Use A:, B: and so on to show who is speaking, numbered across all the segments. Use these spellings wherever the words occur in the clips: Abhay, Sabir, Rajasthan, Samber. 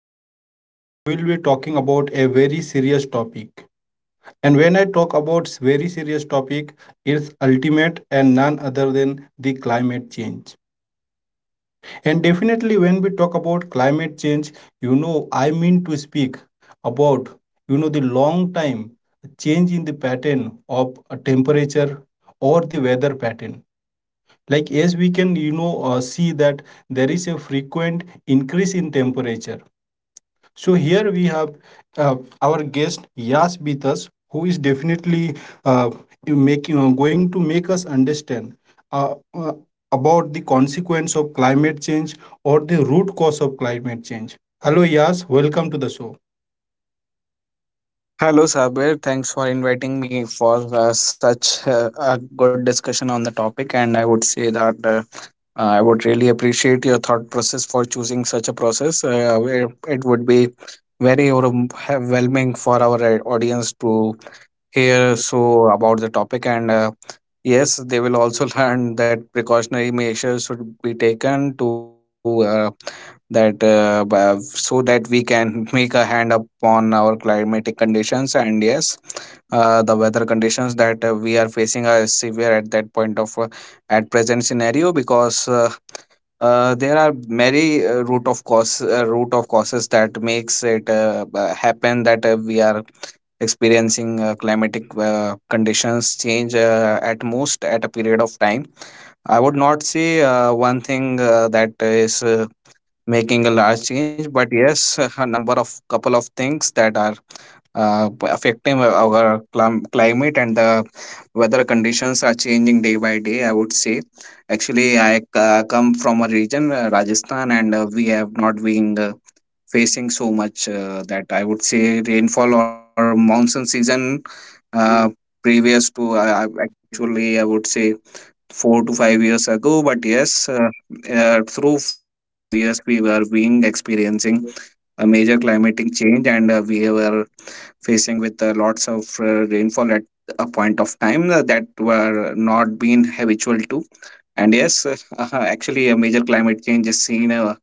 A: in this podcast, we will be talking about a very serious topic. And when I talk about very serious topic, it's ultimate and none other than the climate change. And definitely, when we talk about climate change, I mean to speak about the long time change in the pattern of a temperature or the weather pattern, like as we can see that there is a frequent increase in temperature. So here we have uh, our guest Yas with us, who is definitely uh, making going to make us understand uh, uh, about the consequence of climate change or the root cause of climate change. Hello Yas, welcome to the show.
B: Hello, Sabir. Thanks for inviting me for such a good discussion on the topic. And I would say that I would really appreciate your thought process for choosing such a process. Where it would be very overwhelming for our audience to hear so about the topic, and yes, they will also learn that precautionary measures should be taken so that we can make a hand up on our climatic conditions. And yes, the weather conditions that we are facing are severe at that point of at present scenario, because there are many route of causes that makes it happen that we are experiencing climatic conditions change at most at a period of time. I would not say one thing that is making a large change, but yes, a number of couple of things that are affecting our climate, and the weather conditions are changing day by day, I would say. Actually, I come from a region, Rajasthan, and we have not been facing so much that I would say rainfall or monsoon season uh, previous to, actually I would say 4 to 5 years ago. But yes, through 4 to 5 years we were being experiencing a major climatic change, and we were facing with lots of rainfall at a point of time that were not being habitual to. And yes, actually a major climate change is seen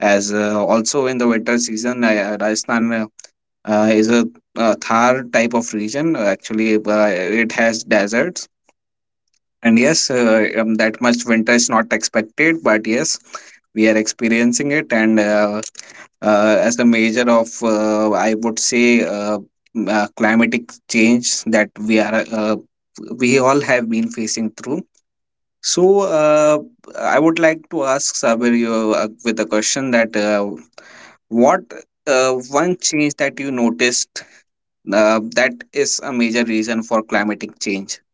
B: as also in the winter season. Rajasthan is a Thar type of region. Actually, it has deserts, and yes, that much winter is not expected, but yes, we are experiencing it. And as the major of, I would say, climatic change that we all have been facing through. So, I would like to ask Sabir, you, with a question that what one change that you noticed that is a major reason for climatic change.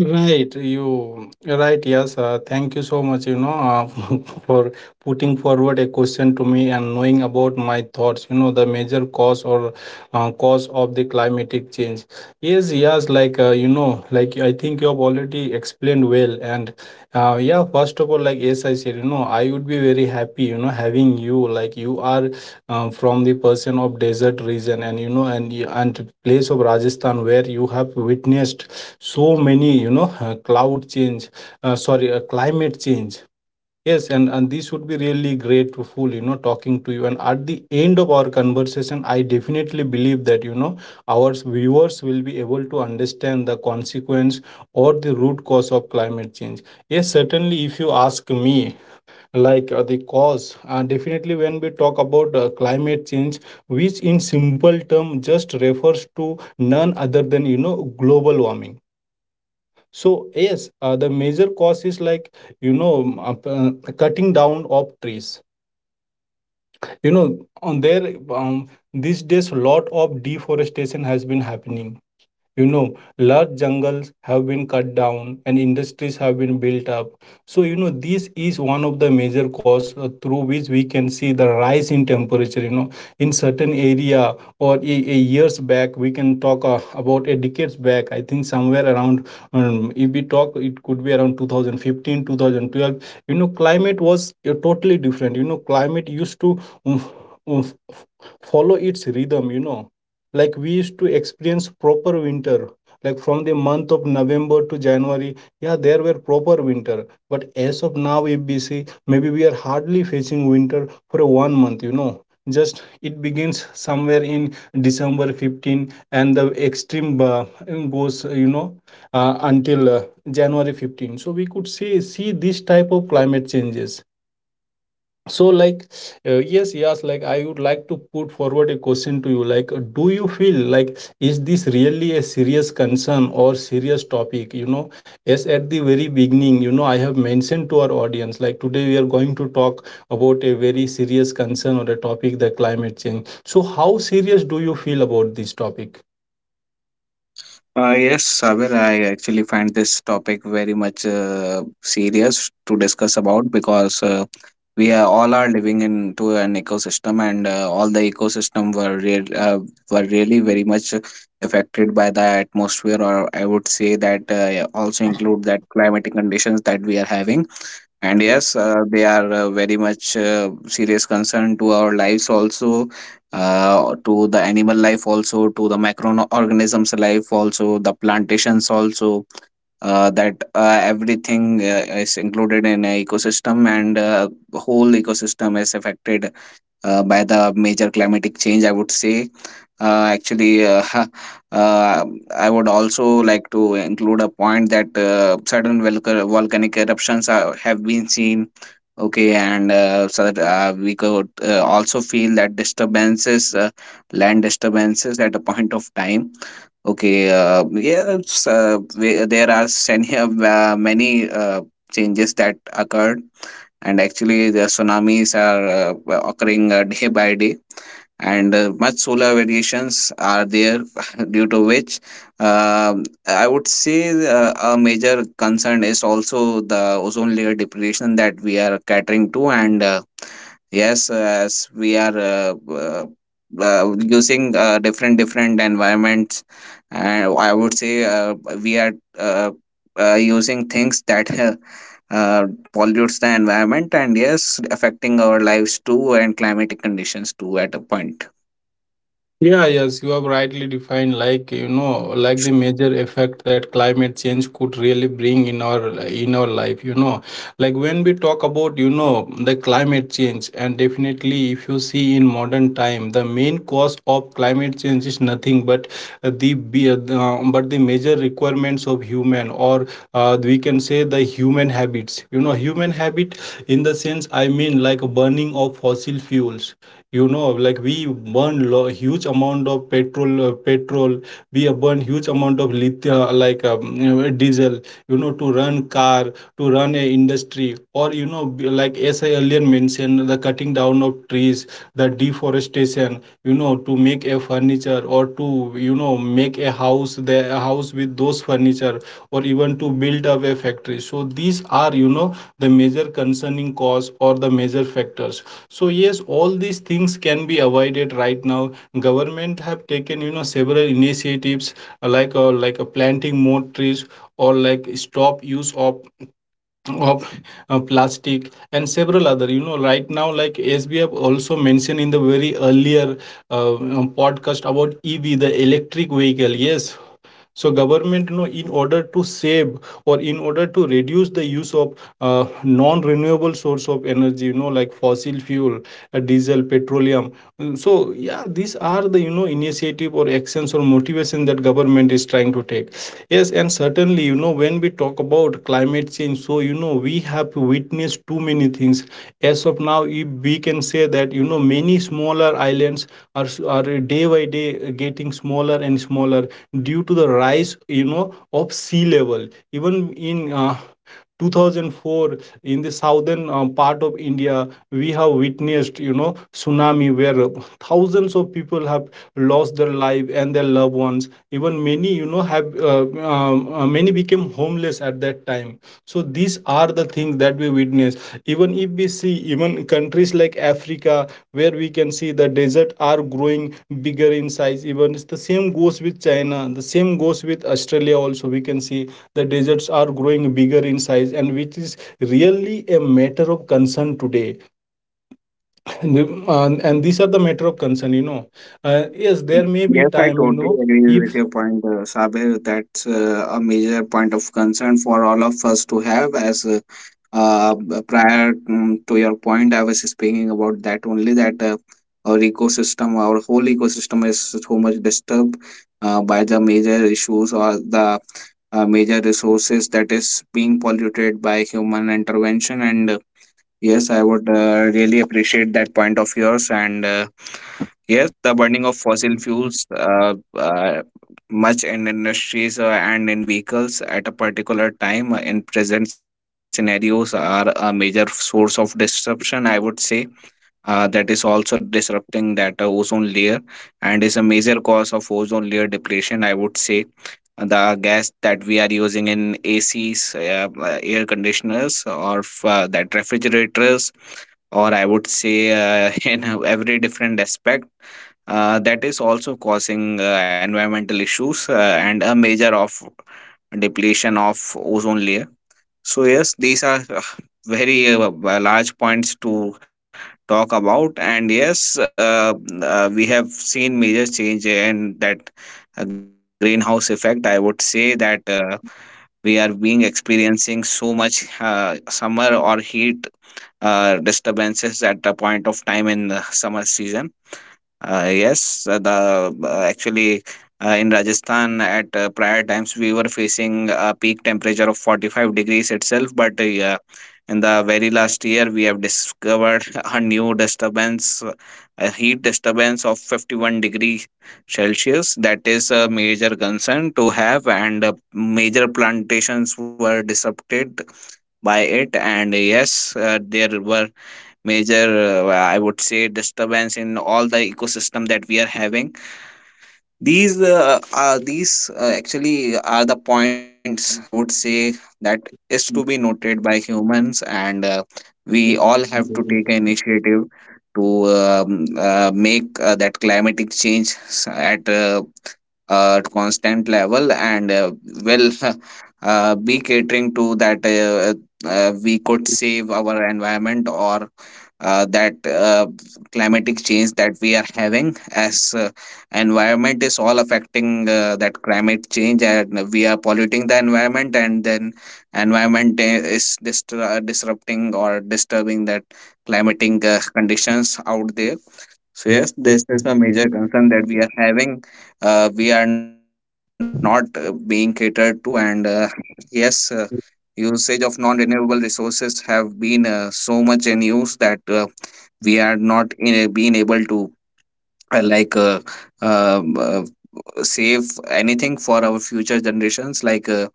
A: Right, you right. Yes, thank you so much. For putting forward a question to me and knowing about my thoughts. The major cause or cause of the climatic change. Yes, yes. Like I think you have already explained well. And yeah, first of all, like yes, I said, I would be very happy, having you. Like you are from the person of desert region, and place of Rajasthan where you have witnessed so many, cloud change, sorry, climate change. Yes, and this would be really grateful, talking to you. And at the end of our conversation, I definitely believe that, our viewers will be able to understand the consequence or the root cause of climate change. Yes, certainly, if you ask me, like, the cause, definitely, when we talk about climate change, which in simple term just refers to none other than, global warming. So yes, the major cause is like, cutting down of trees. You know on there These days, lot of deforestation has been happening, large jungles have been cut down, and industries have been built up. So, this is one of the major cause through which we can see the rise in temperature. In certain area, or a years back, we can talk about a decades back. I think somewhere around, if we talk, it could be around 2015, 2012. Climate was totally different. Climate used to um, um, f- follow its rhythm. Like we used to experience proper winter, like from the month of November to January. Yeah, there were proper winter. But as of now, if we see, maybe we are hardly facing winter for one month. Just, it begins somewhere in December 15, and the extreme goes, until January 15. So we could see this type of climate changes. So, like, yes, yes, like, I would like to put forward a question to you. Like, do you feel, like, is this really a serious concern or serious topic, you know? Yes, at the very beginning, I have mentioned to our audience, like today we are going to talk about a very serious concern or a topic, the climate change. So how serious do you feel about this topic?
B: Yes, Sabir, I actually find this topic very much serious to discuss about, because we are, all are living into an ecosystem, and all the ecosystem were really very much affected by the atmosphere, or I would say that also include that climatic conditions that we are having. And yes, they are very much serious concern to our lives also, to the animal life also, to the microorganisms life also, the plantations also, that everything is included in a ecosystem, and whole ecosystem is affected by the major climatic change, I would say. Actually uh, I would also like to include a point that sudden volcanic eruptions are, have been seen. Okay, and so that we could also feel that disturbances, land disturbances at a point of time. Okay, yeah, there are many, many changes that occurred, and actually the tsunamis are occurring day by day, and much solar variations are there, due to which, I would say, a major concern is also the ozone layer depletion that we are catering to. And yes, as we are uh, using different different environments, and I would say we are using things that uh, pollutes the environment, and yes affecting our lives too and climatic conditions too at a point.
A: Yeah, yes, you have rightly defined, like, like, the major effect that climate change could really bring in our life. Like when we talk about, the climate change, and definitely, if you see in modern time, the main cause of climate change is nothing but but the major requirements of human, or we can say, the human habits. Human habit, in the sense, I mean, like burning of fossil fuels, like we burn huge amount of petrol. We burn huge amount of lithium, like, diesel, to run car, to run a industry. Or, like as I earlier mentioned, the cutting down of trees, the deforestation, to make a furniture, or to, make a house, the a house with those furniture, or even to build up a factory. So these are, the major concerning cause or the major factors. So yes, all these things can be avoided right now. Government have taken, several initiatives, planting more trees, or like stop use of of plastic and several other, you know. Right now, like as we have also mentioned in the very earlier podcast about EV, the electric vehicle. Yes, so government, in order to save or in order to reduce the use of non renewable source of energy, like fossil fuel, diesel, petroleum. Mm, so yeah, these are the, initiative or actions or motivation that government is trying to take. Yes, and certainly. Exactly, when we talk about climate change, so, we have witnessed too many things. As of now, if we can say that, many smaller islands are, day by day getting smaller and smaller due to the rise, of sea level. Even in 2004, in the southern part of India, we have witnessed, tsunami, where thousands of people have lost their life and their loved ones. Even many you know have many became homeless at that time. So these are the things that we witness, even if we see, even countries like Africa, where we can see the desert are growing bigger in size. Even it's the same, goes with China, the same goes with Australia also. We can see the deserts are growing bigger in size, and which is really a matter of concern today. And these are the matter of concern, you know. Yes, there may be
B: Yes, I
A: time,
B: totally agree
A: if
B: with your point, Sabir. That's a major point of concern for all of us to have. As prior to your point, I was speaking about that only, that our ecosystem, our whole ecosystem is so much disturbed by the major issues or the major resources that is being polluted by human intervention. And yes, I would really appreciate that point of yours. And yes, the burning of fossil fuels, much in industries and in vehicles at a particular time in present scenarios, are a major source of disruption, I would say. That is also disrupting that ozone layer, and is a major cause of ozone layer depletion, I would say. The gas that we are using in ACs, air conditioners, or that refrigerators, or I would say in every different aspect. That is also causing environmental issues and a major of depletion of ozone layer. So yes, these are very large points to talk about. And yes, we have seen major change in that greenhouse effect. I would say that we are being experiencing so much summer or heat disturbances at a point of time in the summer season. Yes, the actually in Rajasthan at prior times we were facing a peak temperature of 45 degrees itself, but in the very last year we have discovered a new disturbance, a heat disturbance of 51-degree celsius. That is a major concern to have, and major plantations were disrupted by it. And yes, there were major I would say disturbance in all the ecosystem that we are having. These are these actually are the points, I would say, that is to be noted by humans. And we all have to take an initiative to make that climatic change at constant level, and well, be catering to that we could save our environment, or that climatic change that we are having. As environment is all affecting that climate change, and we are polluting the environment, and then environment is disrupting or disturbing that climatic conditions out there. So yes, this is a major concern that we are having. We are not being catered to. And yes, usage of non-renewable resources have been so much in use, that we are not in, being able to uh, like uh, um, uh, save anything for our future generations. Like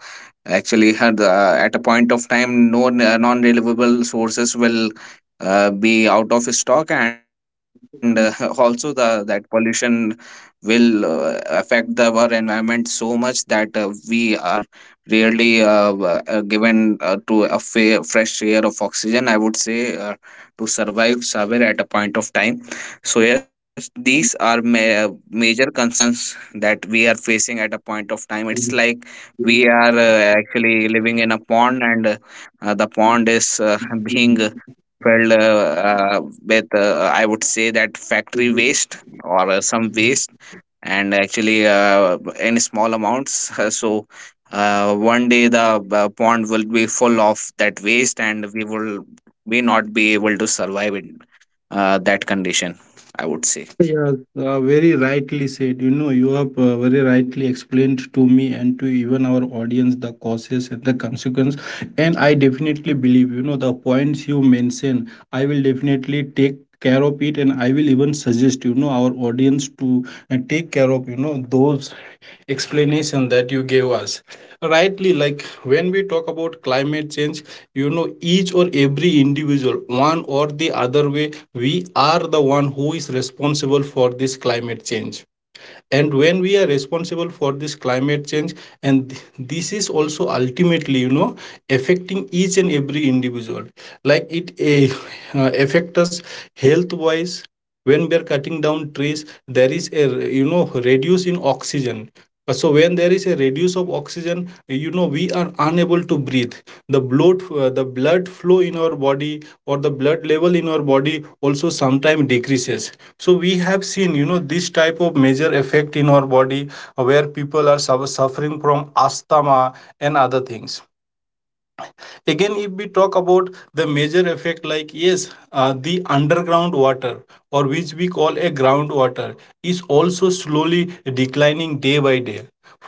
B: actually had at a point of time no non-reliable sources will be out of stock, and also the that pollution will affect the our environment so much, that we are really given to a fresh air of oxygen, I would say, to survive somewhere at a point of time. So yes, these are major concerns that we are facing at a point of time. It's like we are actually living in a pond, and the pond is being filled uh, with I would say that factory waste or some waste, and actually in small amounts. So one day the pond will be full of that waste, and we will may not be able to survive in that condition, I would say.
A: yeah, very rightly said, you have very rightly explained to me and to even our audience the causes and the consequence. And I definitely believe, the points you mention, I will definitely take care of it, and I will even suggest, our audience to take care of, those explanation that you gave us. Rightly, like when we talk about climate change, each or every individual, one or the other way, we are the one who is responsible for this climate change. And when we are responsible for this climate change, this is also ultimately, affecting each and every individual. like it eh, Affect us health wise. When we are cutting down trees, there is a, reduce in oxygen. So when there is a reduce of oxygen, we are unable to breathe. The blood the blood flow in our body, or the blood level in our body, also sometimes decreases. So we have seen, this type of major effect in our body, where people are suffering from asthma and other things. Again, if we talk about the major effect, like yes, the underground water, or which we call a groundwater, is also slowly declining day by day.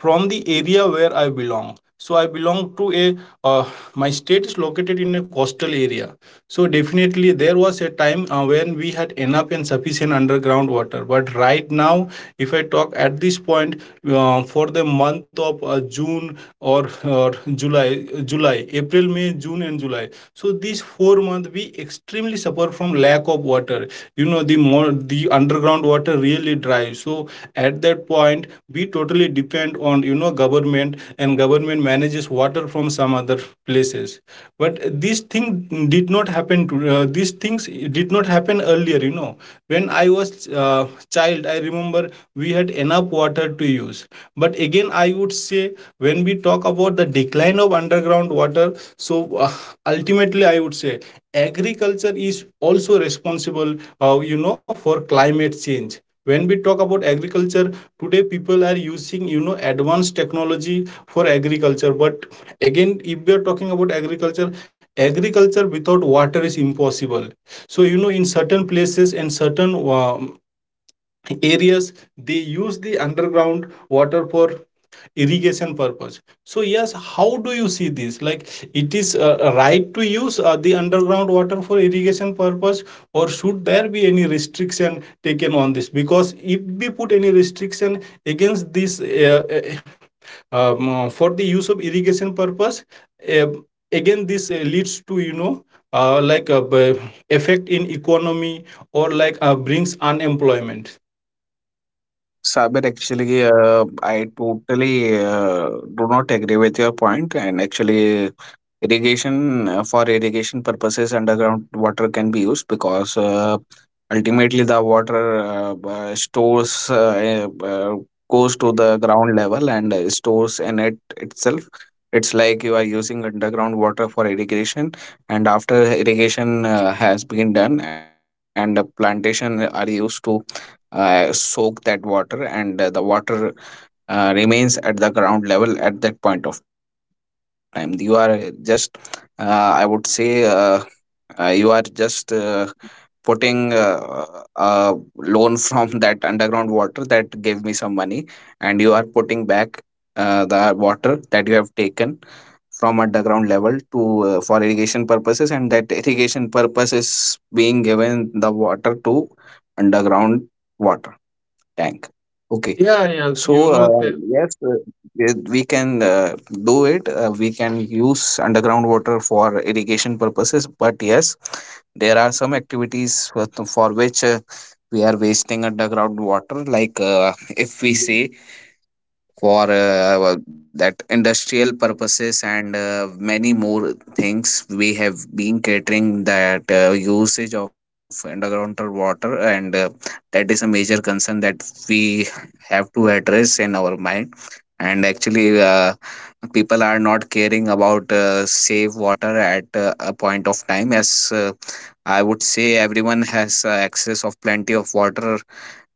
A: From the area where I belong, so I belong to a uh, my state is located in a coastal area. So definitely there was a time when we had enough and sufficient underground water. But right now, if I talk at this point, for the month of June or, July, July, April, May, June and July. So these 4 months we extremely suffer from lack of water. The more the underground water really dry. So at that point we totally depend on government, and government manages water from some other places. But this thing did not happen to these things did not happen earlier. When I was uh, child I remember we had enough water to use. But again I would say, when we talk about the decline of underground water, so uh, ultimately I would say agriculture is also responsible, for climate change. When we talk about agriculture, today people are using advanced technology for agriculture. But again, if we are talking about agriculture, agriculture without water is impossible. So in certain places and certain areas, they use the underground water for irrigation purpose. So yes, how do you see this? Like, it is right to use the underground water for irrigation purpose, or should there be any restriction taken on this? Because if we put any restriction against this, for the use of irrigation purpose, uh, again this leads to, like a effect in economy, or like, brings unemployment.
B: Sabir, actually, I totally do not agree with your point. And actually, irrigation, for irrigation purposes underground water can be used, because ultimately the water stores, goes to the ground level and stores in it itself. It's like you are using underground water for irrigation, and after irrigation has been done, and the plantation are used to soak that water, and the water remains at the ground level. At that point of time you are just I would say uh, you are just putting a loan from that underground water that gave me some money, and you are putting back the water that you have taken from underground level to for irrigation purposes, and that irrigation purpose is being given the water to underground water tank. Okay,
A: Yeah, yes,
B: so
A: you know
B: uh,
A: that.
B: yes, we can do it. We can use underground water for irrigation purposes. But yes, there are some activities for which we are wasting underground water. Like if we say, for well, that industrial purposes, and many more things we have been catering that usage of underground water. And that is a major concern that we have to address in our mind. And actually people are not caring about save water at a point of time, as I would say everyone has access of plenty of water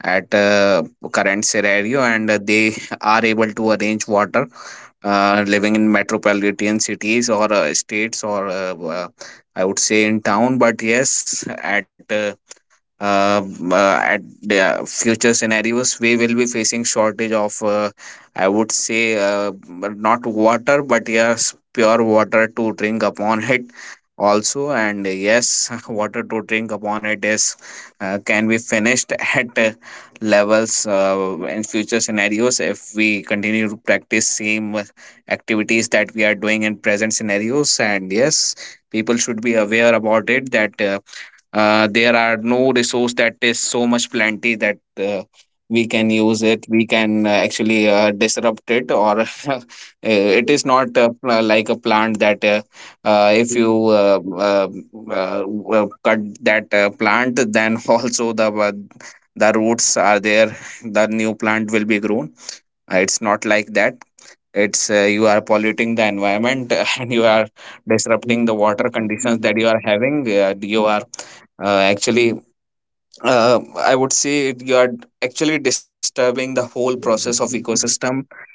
B: at current scenario, and they are able to arrange water, living in metropolitan cities, or states, or I would say in town. But yes, uh, at the future scenarios, we will be facing shortage of, I would say, but not water, but yes, pure water to drink upon it also. And yes, water to drink upon it is, can be finished, at levels, in future scenarios, if we continue to practice same activities that we are doing in present scenarios. And yes, people should be aware about it, that there are no resource that is so much plenty that we can use it, we can actually disrupt it, or it is not like a plant that, if you uh, uh, cut that plant, then also the the roots are there, the new plant will be grown. It's not like that. It's you are polluting the environment, and you are disrupting the water conditions that you are having. You are actually, uh, I would say, you are actually disturbing the whole process of ecosystem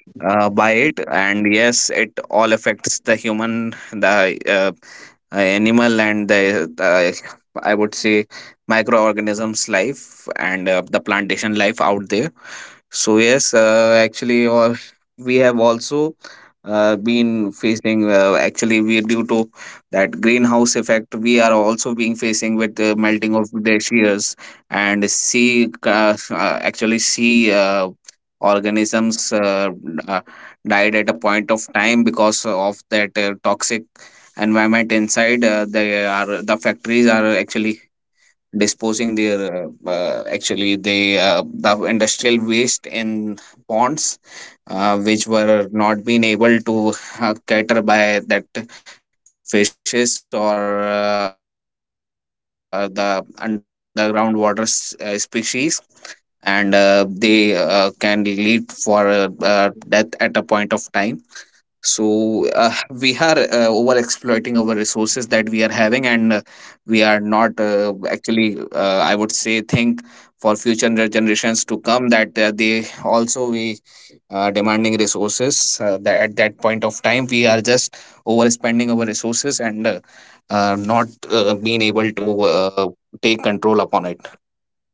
B: by it. And yes, it all affects the human, the uh, animal, and the I would say microorganisms life, and the plantation life out there. So yes, actually, or we have also been facing, we, due to that greenhouse effect, we are also being facing with the melting of glaciers and sea. Sea organisms died at a point of time because of that toxic environment inside. The factories are actually disposing their actually they the industrial waste in ponds, which were not being able to cater by that fishes, or the underground water species, and they can lead for death at a point of time. So we are over exploiting our resources that we are having, and we are not actually, I would say, think for future generations to come, that they also we demanding resources that at that point of time we are just overspending our resources, and not being able to take control upon it.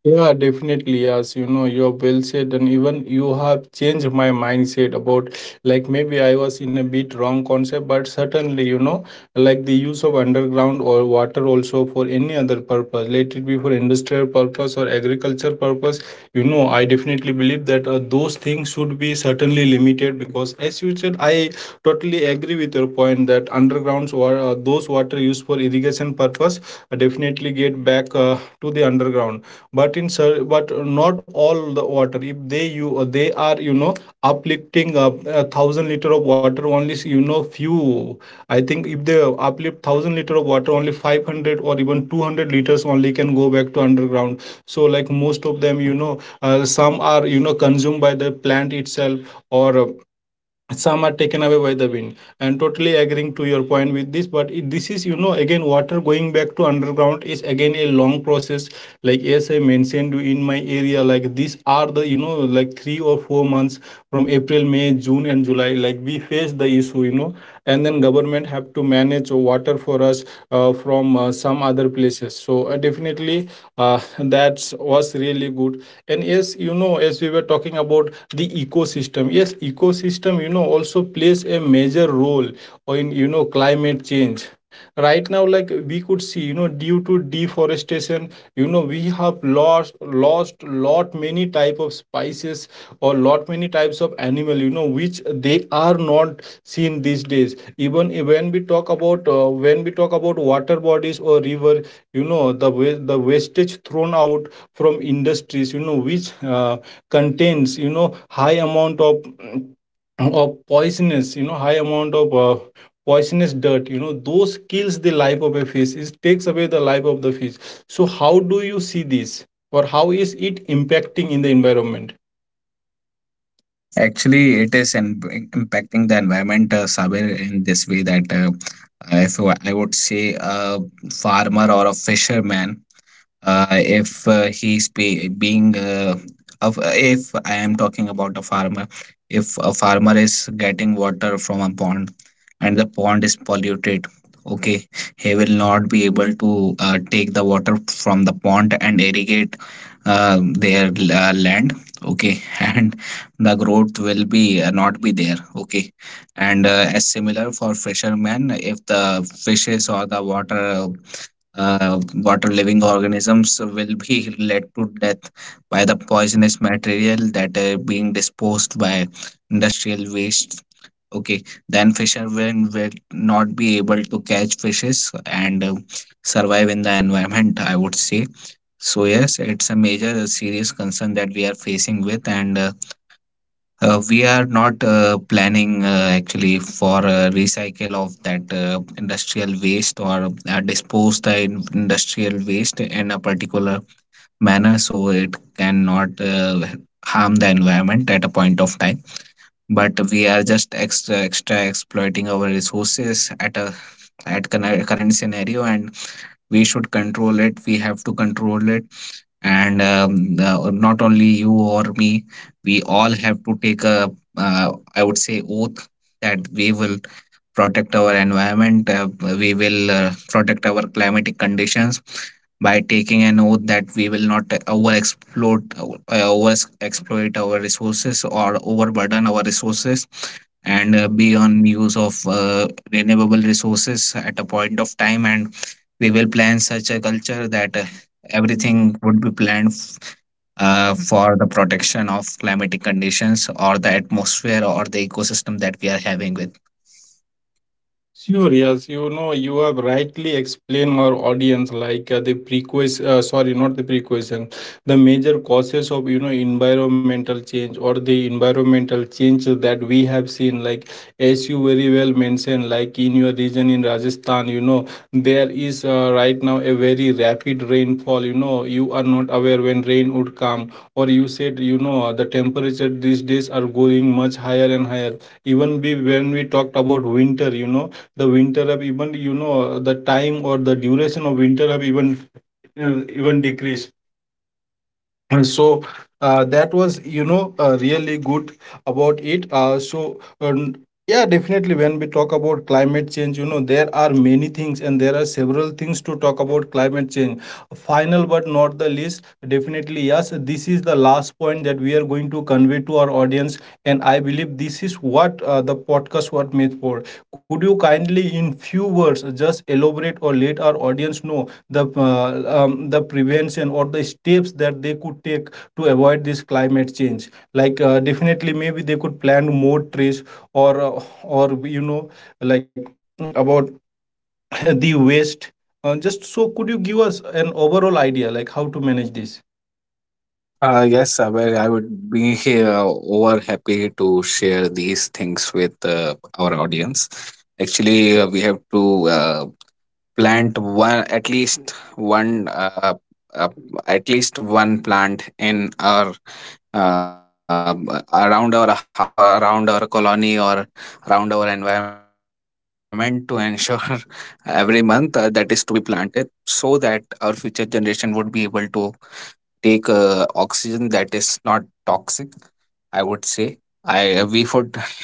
A: Yeah, definitely. Yes, you have well said, and even you have changed my mindset about, like, maybe I was in a bit wrong concept. But certainly, like, the use of underground or water also for any other purpose, let it be for industrial purpose or agriculture purpose, I definitely believe that those things should be certainly limited because, as you said, I totally agree with your point that undergrounds or those water used for irrigation purpose definitely get back to the underground. But not all the water. If they are uplifting up a 1,000 liter of water, only few, I think. If they uplift 1,000 liter of water, only 500 or even 200 liters only can go back to underground. So, like, most of them, some are consumed by the plant itself, or some are taken away by the wind. And totally agreeing to your point with this, but this is, again, water going back to underground is again a long process. Like, as I mentioned you, in my area, like, these are the, like, 3 or 4 months from April, May, June and July. Like, we face the issue. And then government have to manage water for us from some other places. So definitely, that was really good. And yes, as we were talking about the ecosystem, yes, ecosystem, also plays a major role in, climate change. Right now, like, we could see, due to deforestation, we have lost lot many type of spices, or lot many types of animal, which they are not seen these days. Even when we talk about water bodies or river, the the wastage thrown out from industries, which contains, high amount of of poisonous, high amount of poisonous dirt, those kills the life of a fish, it takes away the life of the fish. So how do you see this, or how is it impacting in the environment?
B: Actually, it is impacting the environment, Sabir, in this way, that if I would say a farmer or a fisherman, if he's be, being of, if I am talking about a farmer, if a farmer is getting water from a pond and the pond is polluted, okay, he will not be able to take the water from the pond and irrigate their land, okay. And the growth will be, not be there, okay. And as similar for fishermen, if the fishes or the water, water living organisms will be led to death by the poisonous material that are being disposed by industrial waste. Okay, then fishermen will not be able to catch fishes and survive in the environment, I would say. So yes, it's a major serious concern that we are facing with, and we are not planning, actually, for a recycle of that industrial waste, or dispose the industrial waste in a particular manner so it cannot harm the environment at a point of time. But we are just extra exploiting our resources at a at current scenario, and we should control it, we have to control it. And not only you or me, we all have to take a, I would say, oath that we will protect our environment. We will protect our climatic conditions by taking an oath that we will not over exploit our resources, or overburden our resources, and be on use of renewable resources at a point of time. And we will plan such a culture that everything would be planned for the protection of climatic conditions, or the atmosphere, or the ecosystem that we are having with.
A: Sure, yes, you have rightly explained our audience, like, the sorry, not the prequestion, the major causes of, environmental change, or the environmental change that we have seen. Like, as you very well mentioned, like, in your region in Rajasthan, there is right now a very rapid rainfall. You are not aware when rain would come, or you said, the temperature these days are going much higher and higher. Even we, when we talked about winter, the winter have even the time or the duration of winter have even decreased. And so that was, really good about it. So, yeah, definitely, when we talk about climate change, there are many things, and there are several things to talk about climate change. Final but not the least, definitely yes, this is the last point that we are going to convey to our audience, and I believe this is what the podcast was made for. Could you kindly in few words just elaborate or let our audience know the prevention or the steps that they could take to avoid this climate change? Like definitely maybe they could plant more trees, or, like, about the waste, just so could you give us an overall idea like how to manage this?
B: Yes, Abhay, I would be here over happy to share these things with our audience. Actually, we have to plant one at least one uh, at least one plant in our, um, around our house, or around our colony, or around our environment, to ensure every month that is to be planted, so that our future generation would be able to take oxygen that is not toxic, I would say. I we would uh,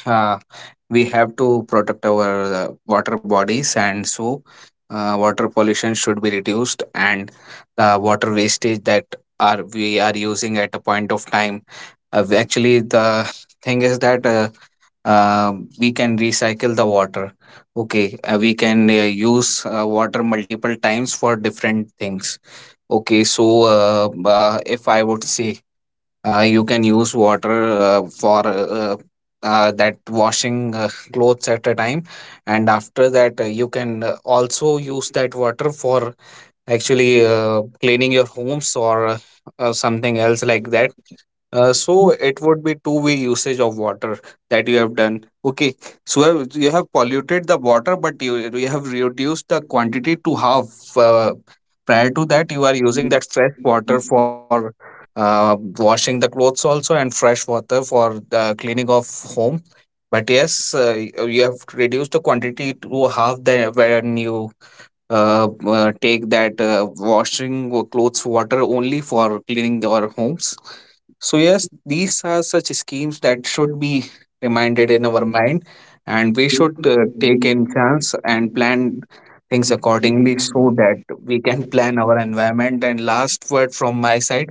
B: we have to protect our uh, water bodies, and so water pollution should be reduced, and the water wastage that are we are using at a point of time. Actually, the thing is that uh, we can recycle the water, okay. We can use water multiple times for different things. Okay, so if I would say, you can use water for that washing clothes at a time, and after that, you can also use that water for, actually, cleaning your homes, or something else like that. So it would be two-way usage of water that you have done. Okay, so you have polluted the water, but you have reduced the quantity to half. Uh, Prior to that, you are using that fresh water for uh, washing the clothes also, and fresh water for the cleaning of home. But yes, you have reduced the quantity to half the when you take that clothes water only for cleaning our homes. So yes, these are such schemes that should be reminded in our mind, and we should take in chance and plan things accordingly, so that we can plan our environment. And last word from my side,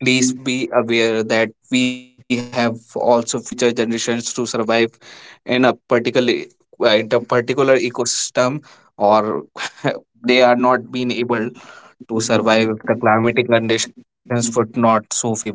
B: please be aware that we have also future generations to survive in a particular, in a particular ecosystem, or they are not been able to survive if the climatic conditions were not so favorable.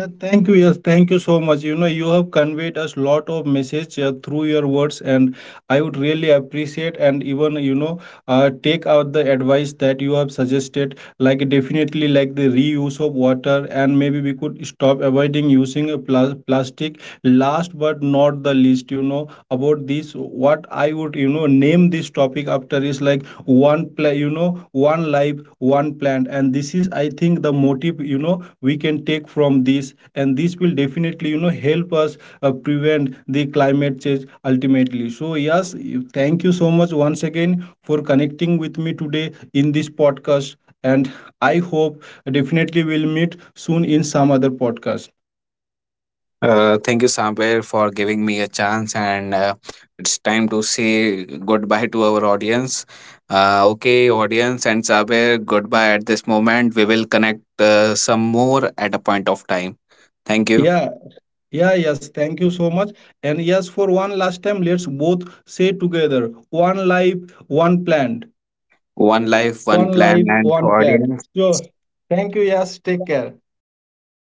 A: Yeah, thank you, yes, thank you so much. You have conveyed us lot of message through your words, and I would really appreciate and even take out the advice that you have suggested. Like definitely, like the reuse of water, and maybe we could stop avoiding using a plastic. Last but not the least, about this what I would, name this topic after is, like, one play, one life one plant. And this is, I think, the motive, we can take from this, and this will definitely help us prevent the climate change ultimately. So yes, thank you so much once again for connecting with me today in this podcast. And I hope definitely we'll meet soon in some other podcast.
B: Thank you, Samber, for giving me a chance, and it's time to say goodbye to our audience. Okay, audience and Saber, goodbye at this moment. We will connect some more at a point of time. Thank you.
A: Yeah. Yeah, yes, thank you so much. And yes, for one last time, let's both say together, one life, one plant.
B: One life, one
A: One
B: plan,
A: life,
B: and
A: one plant.
B: audience.
A: So, thank you. Yes, take care.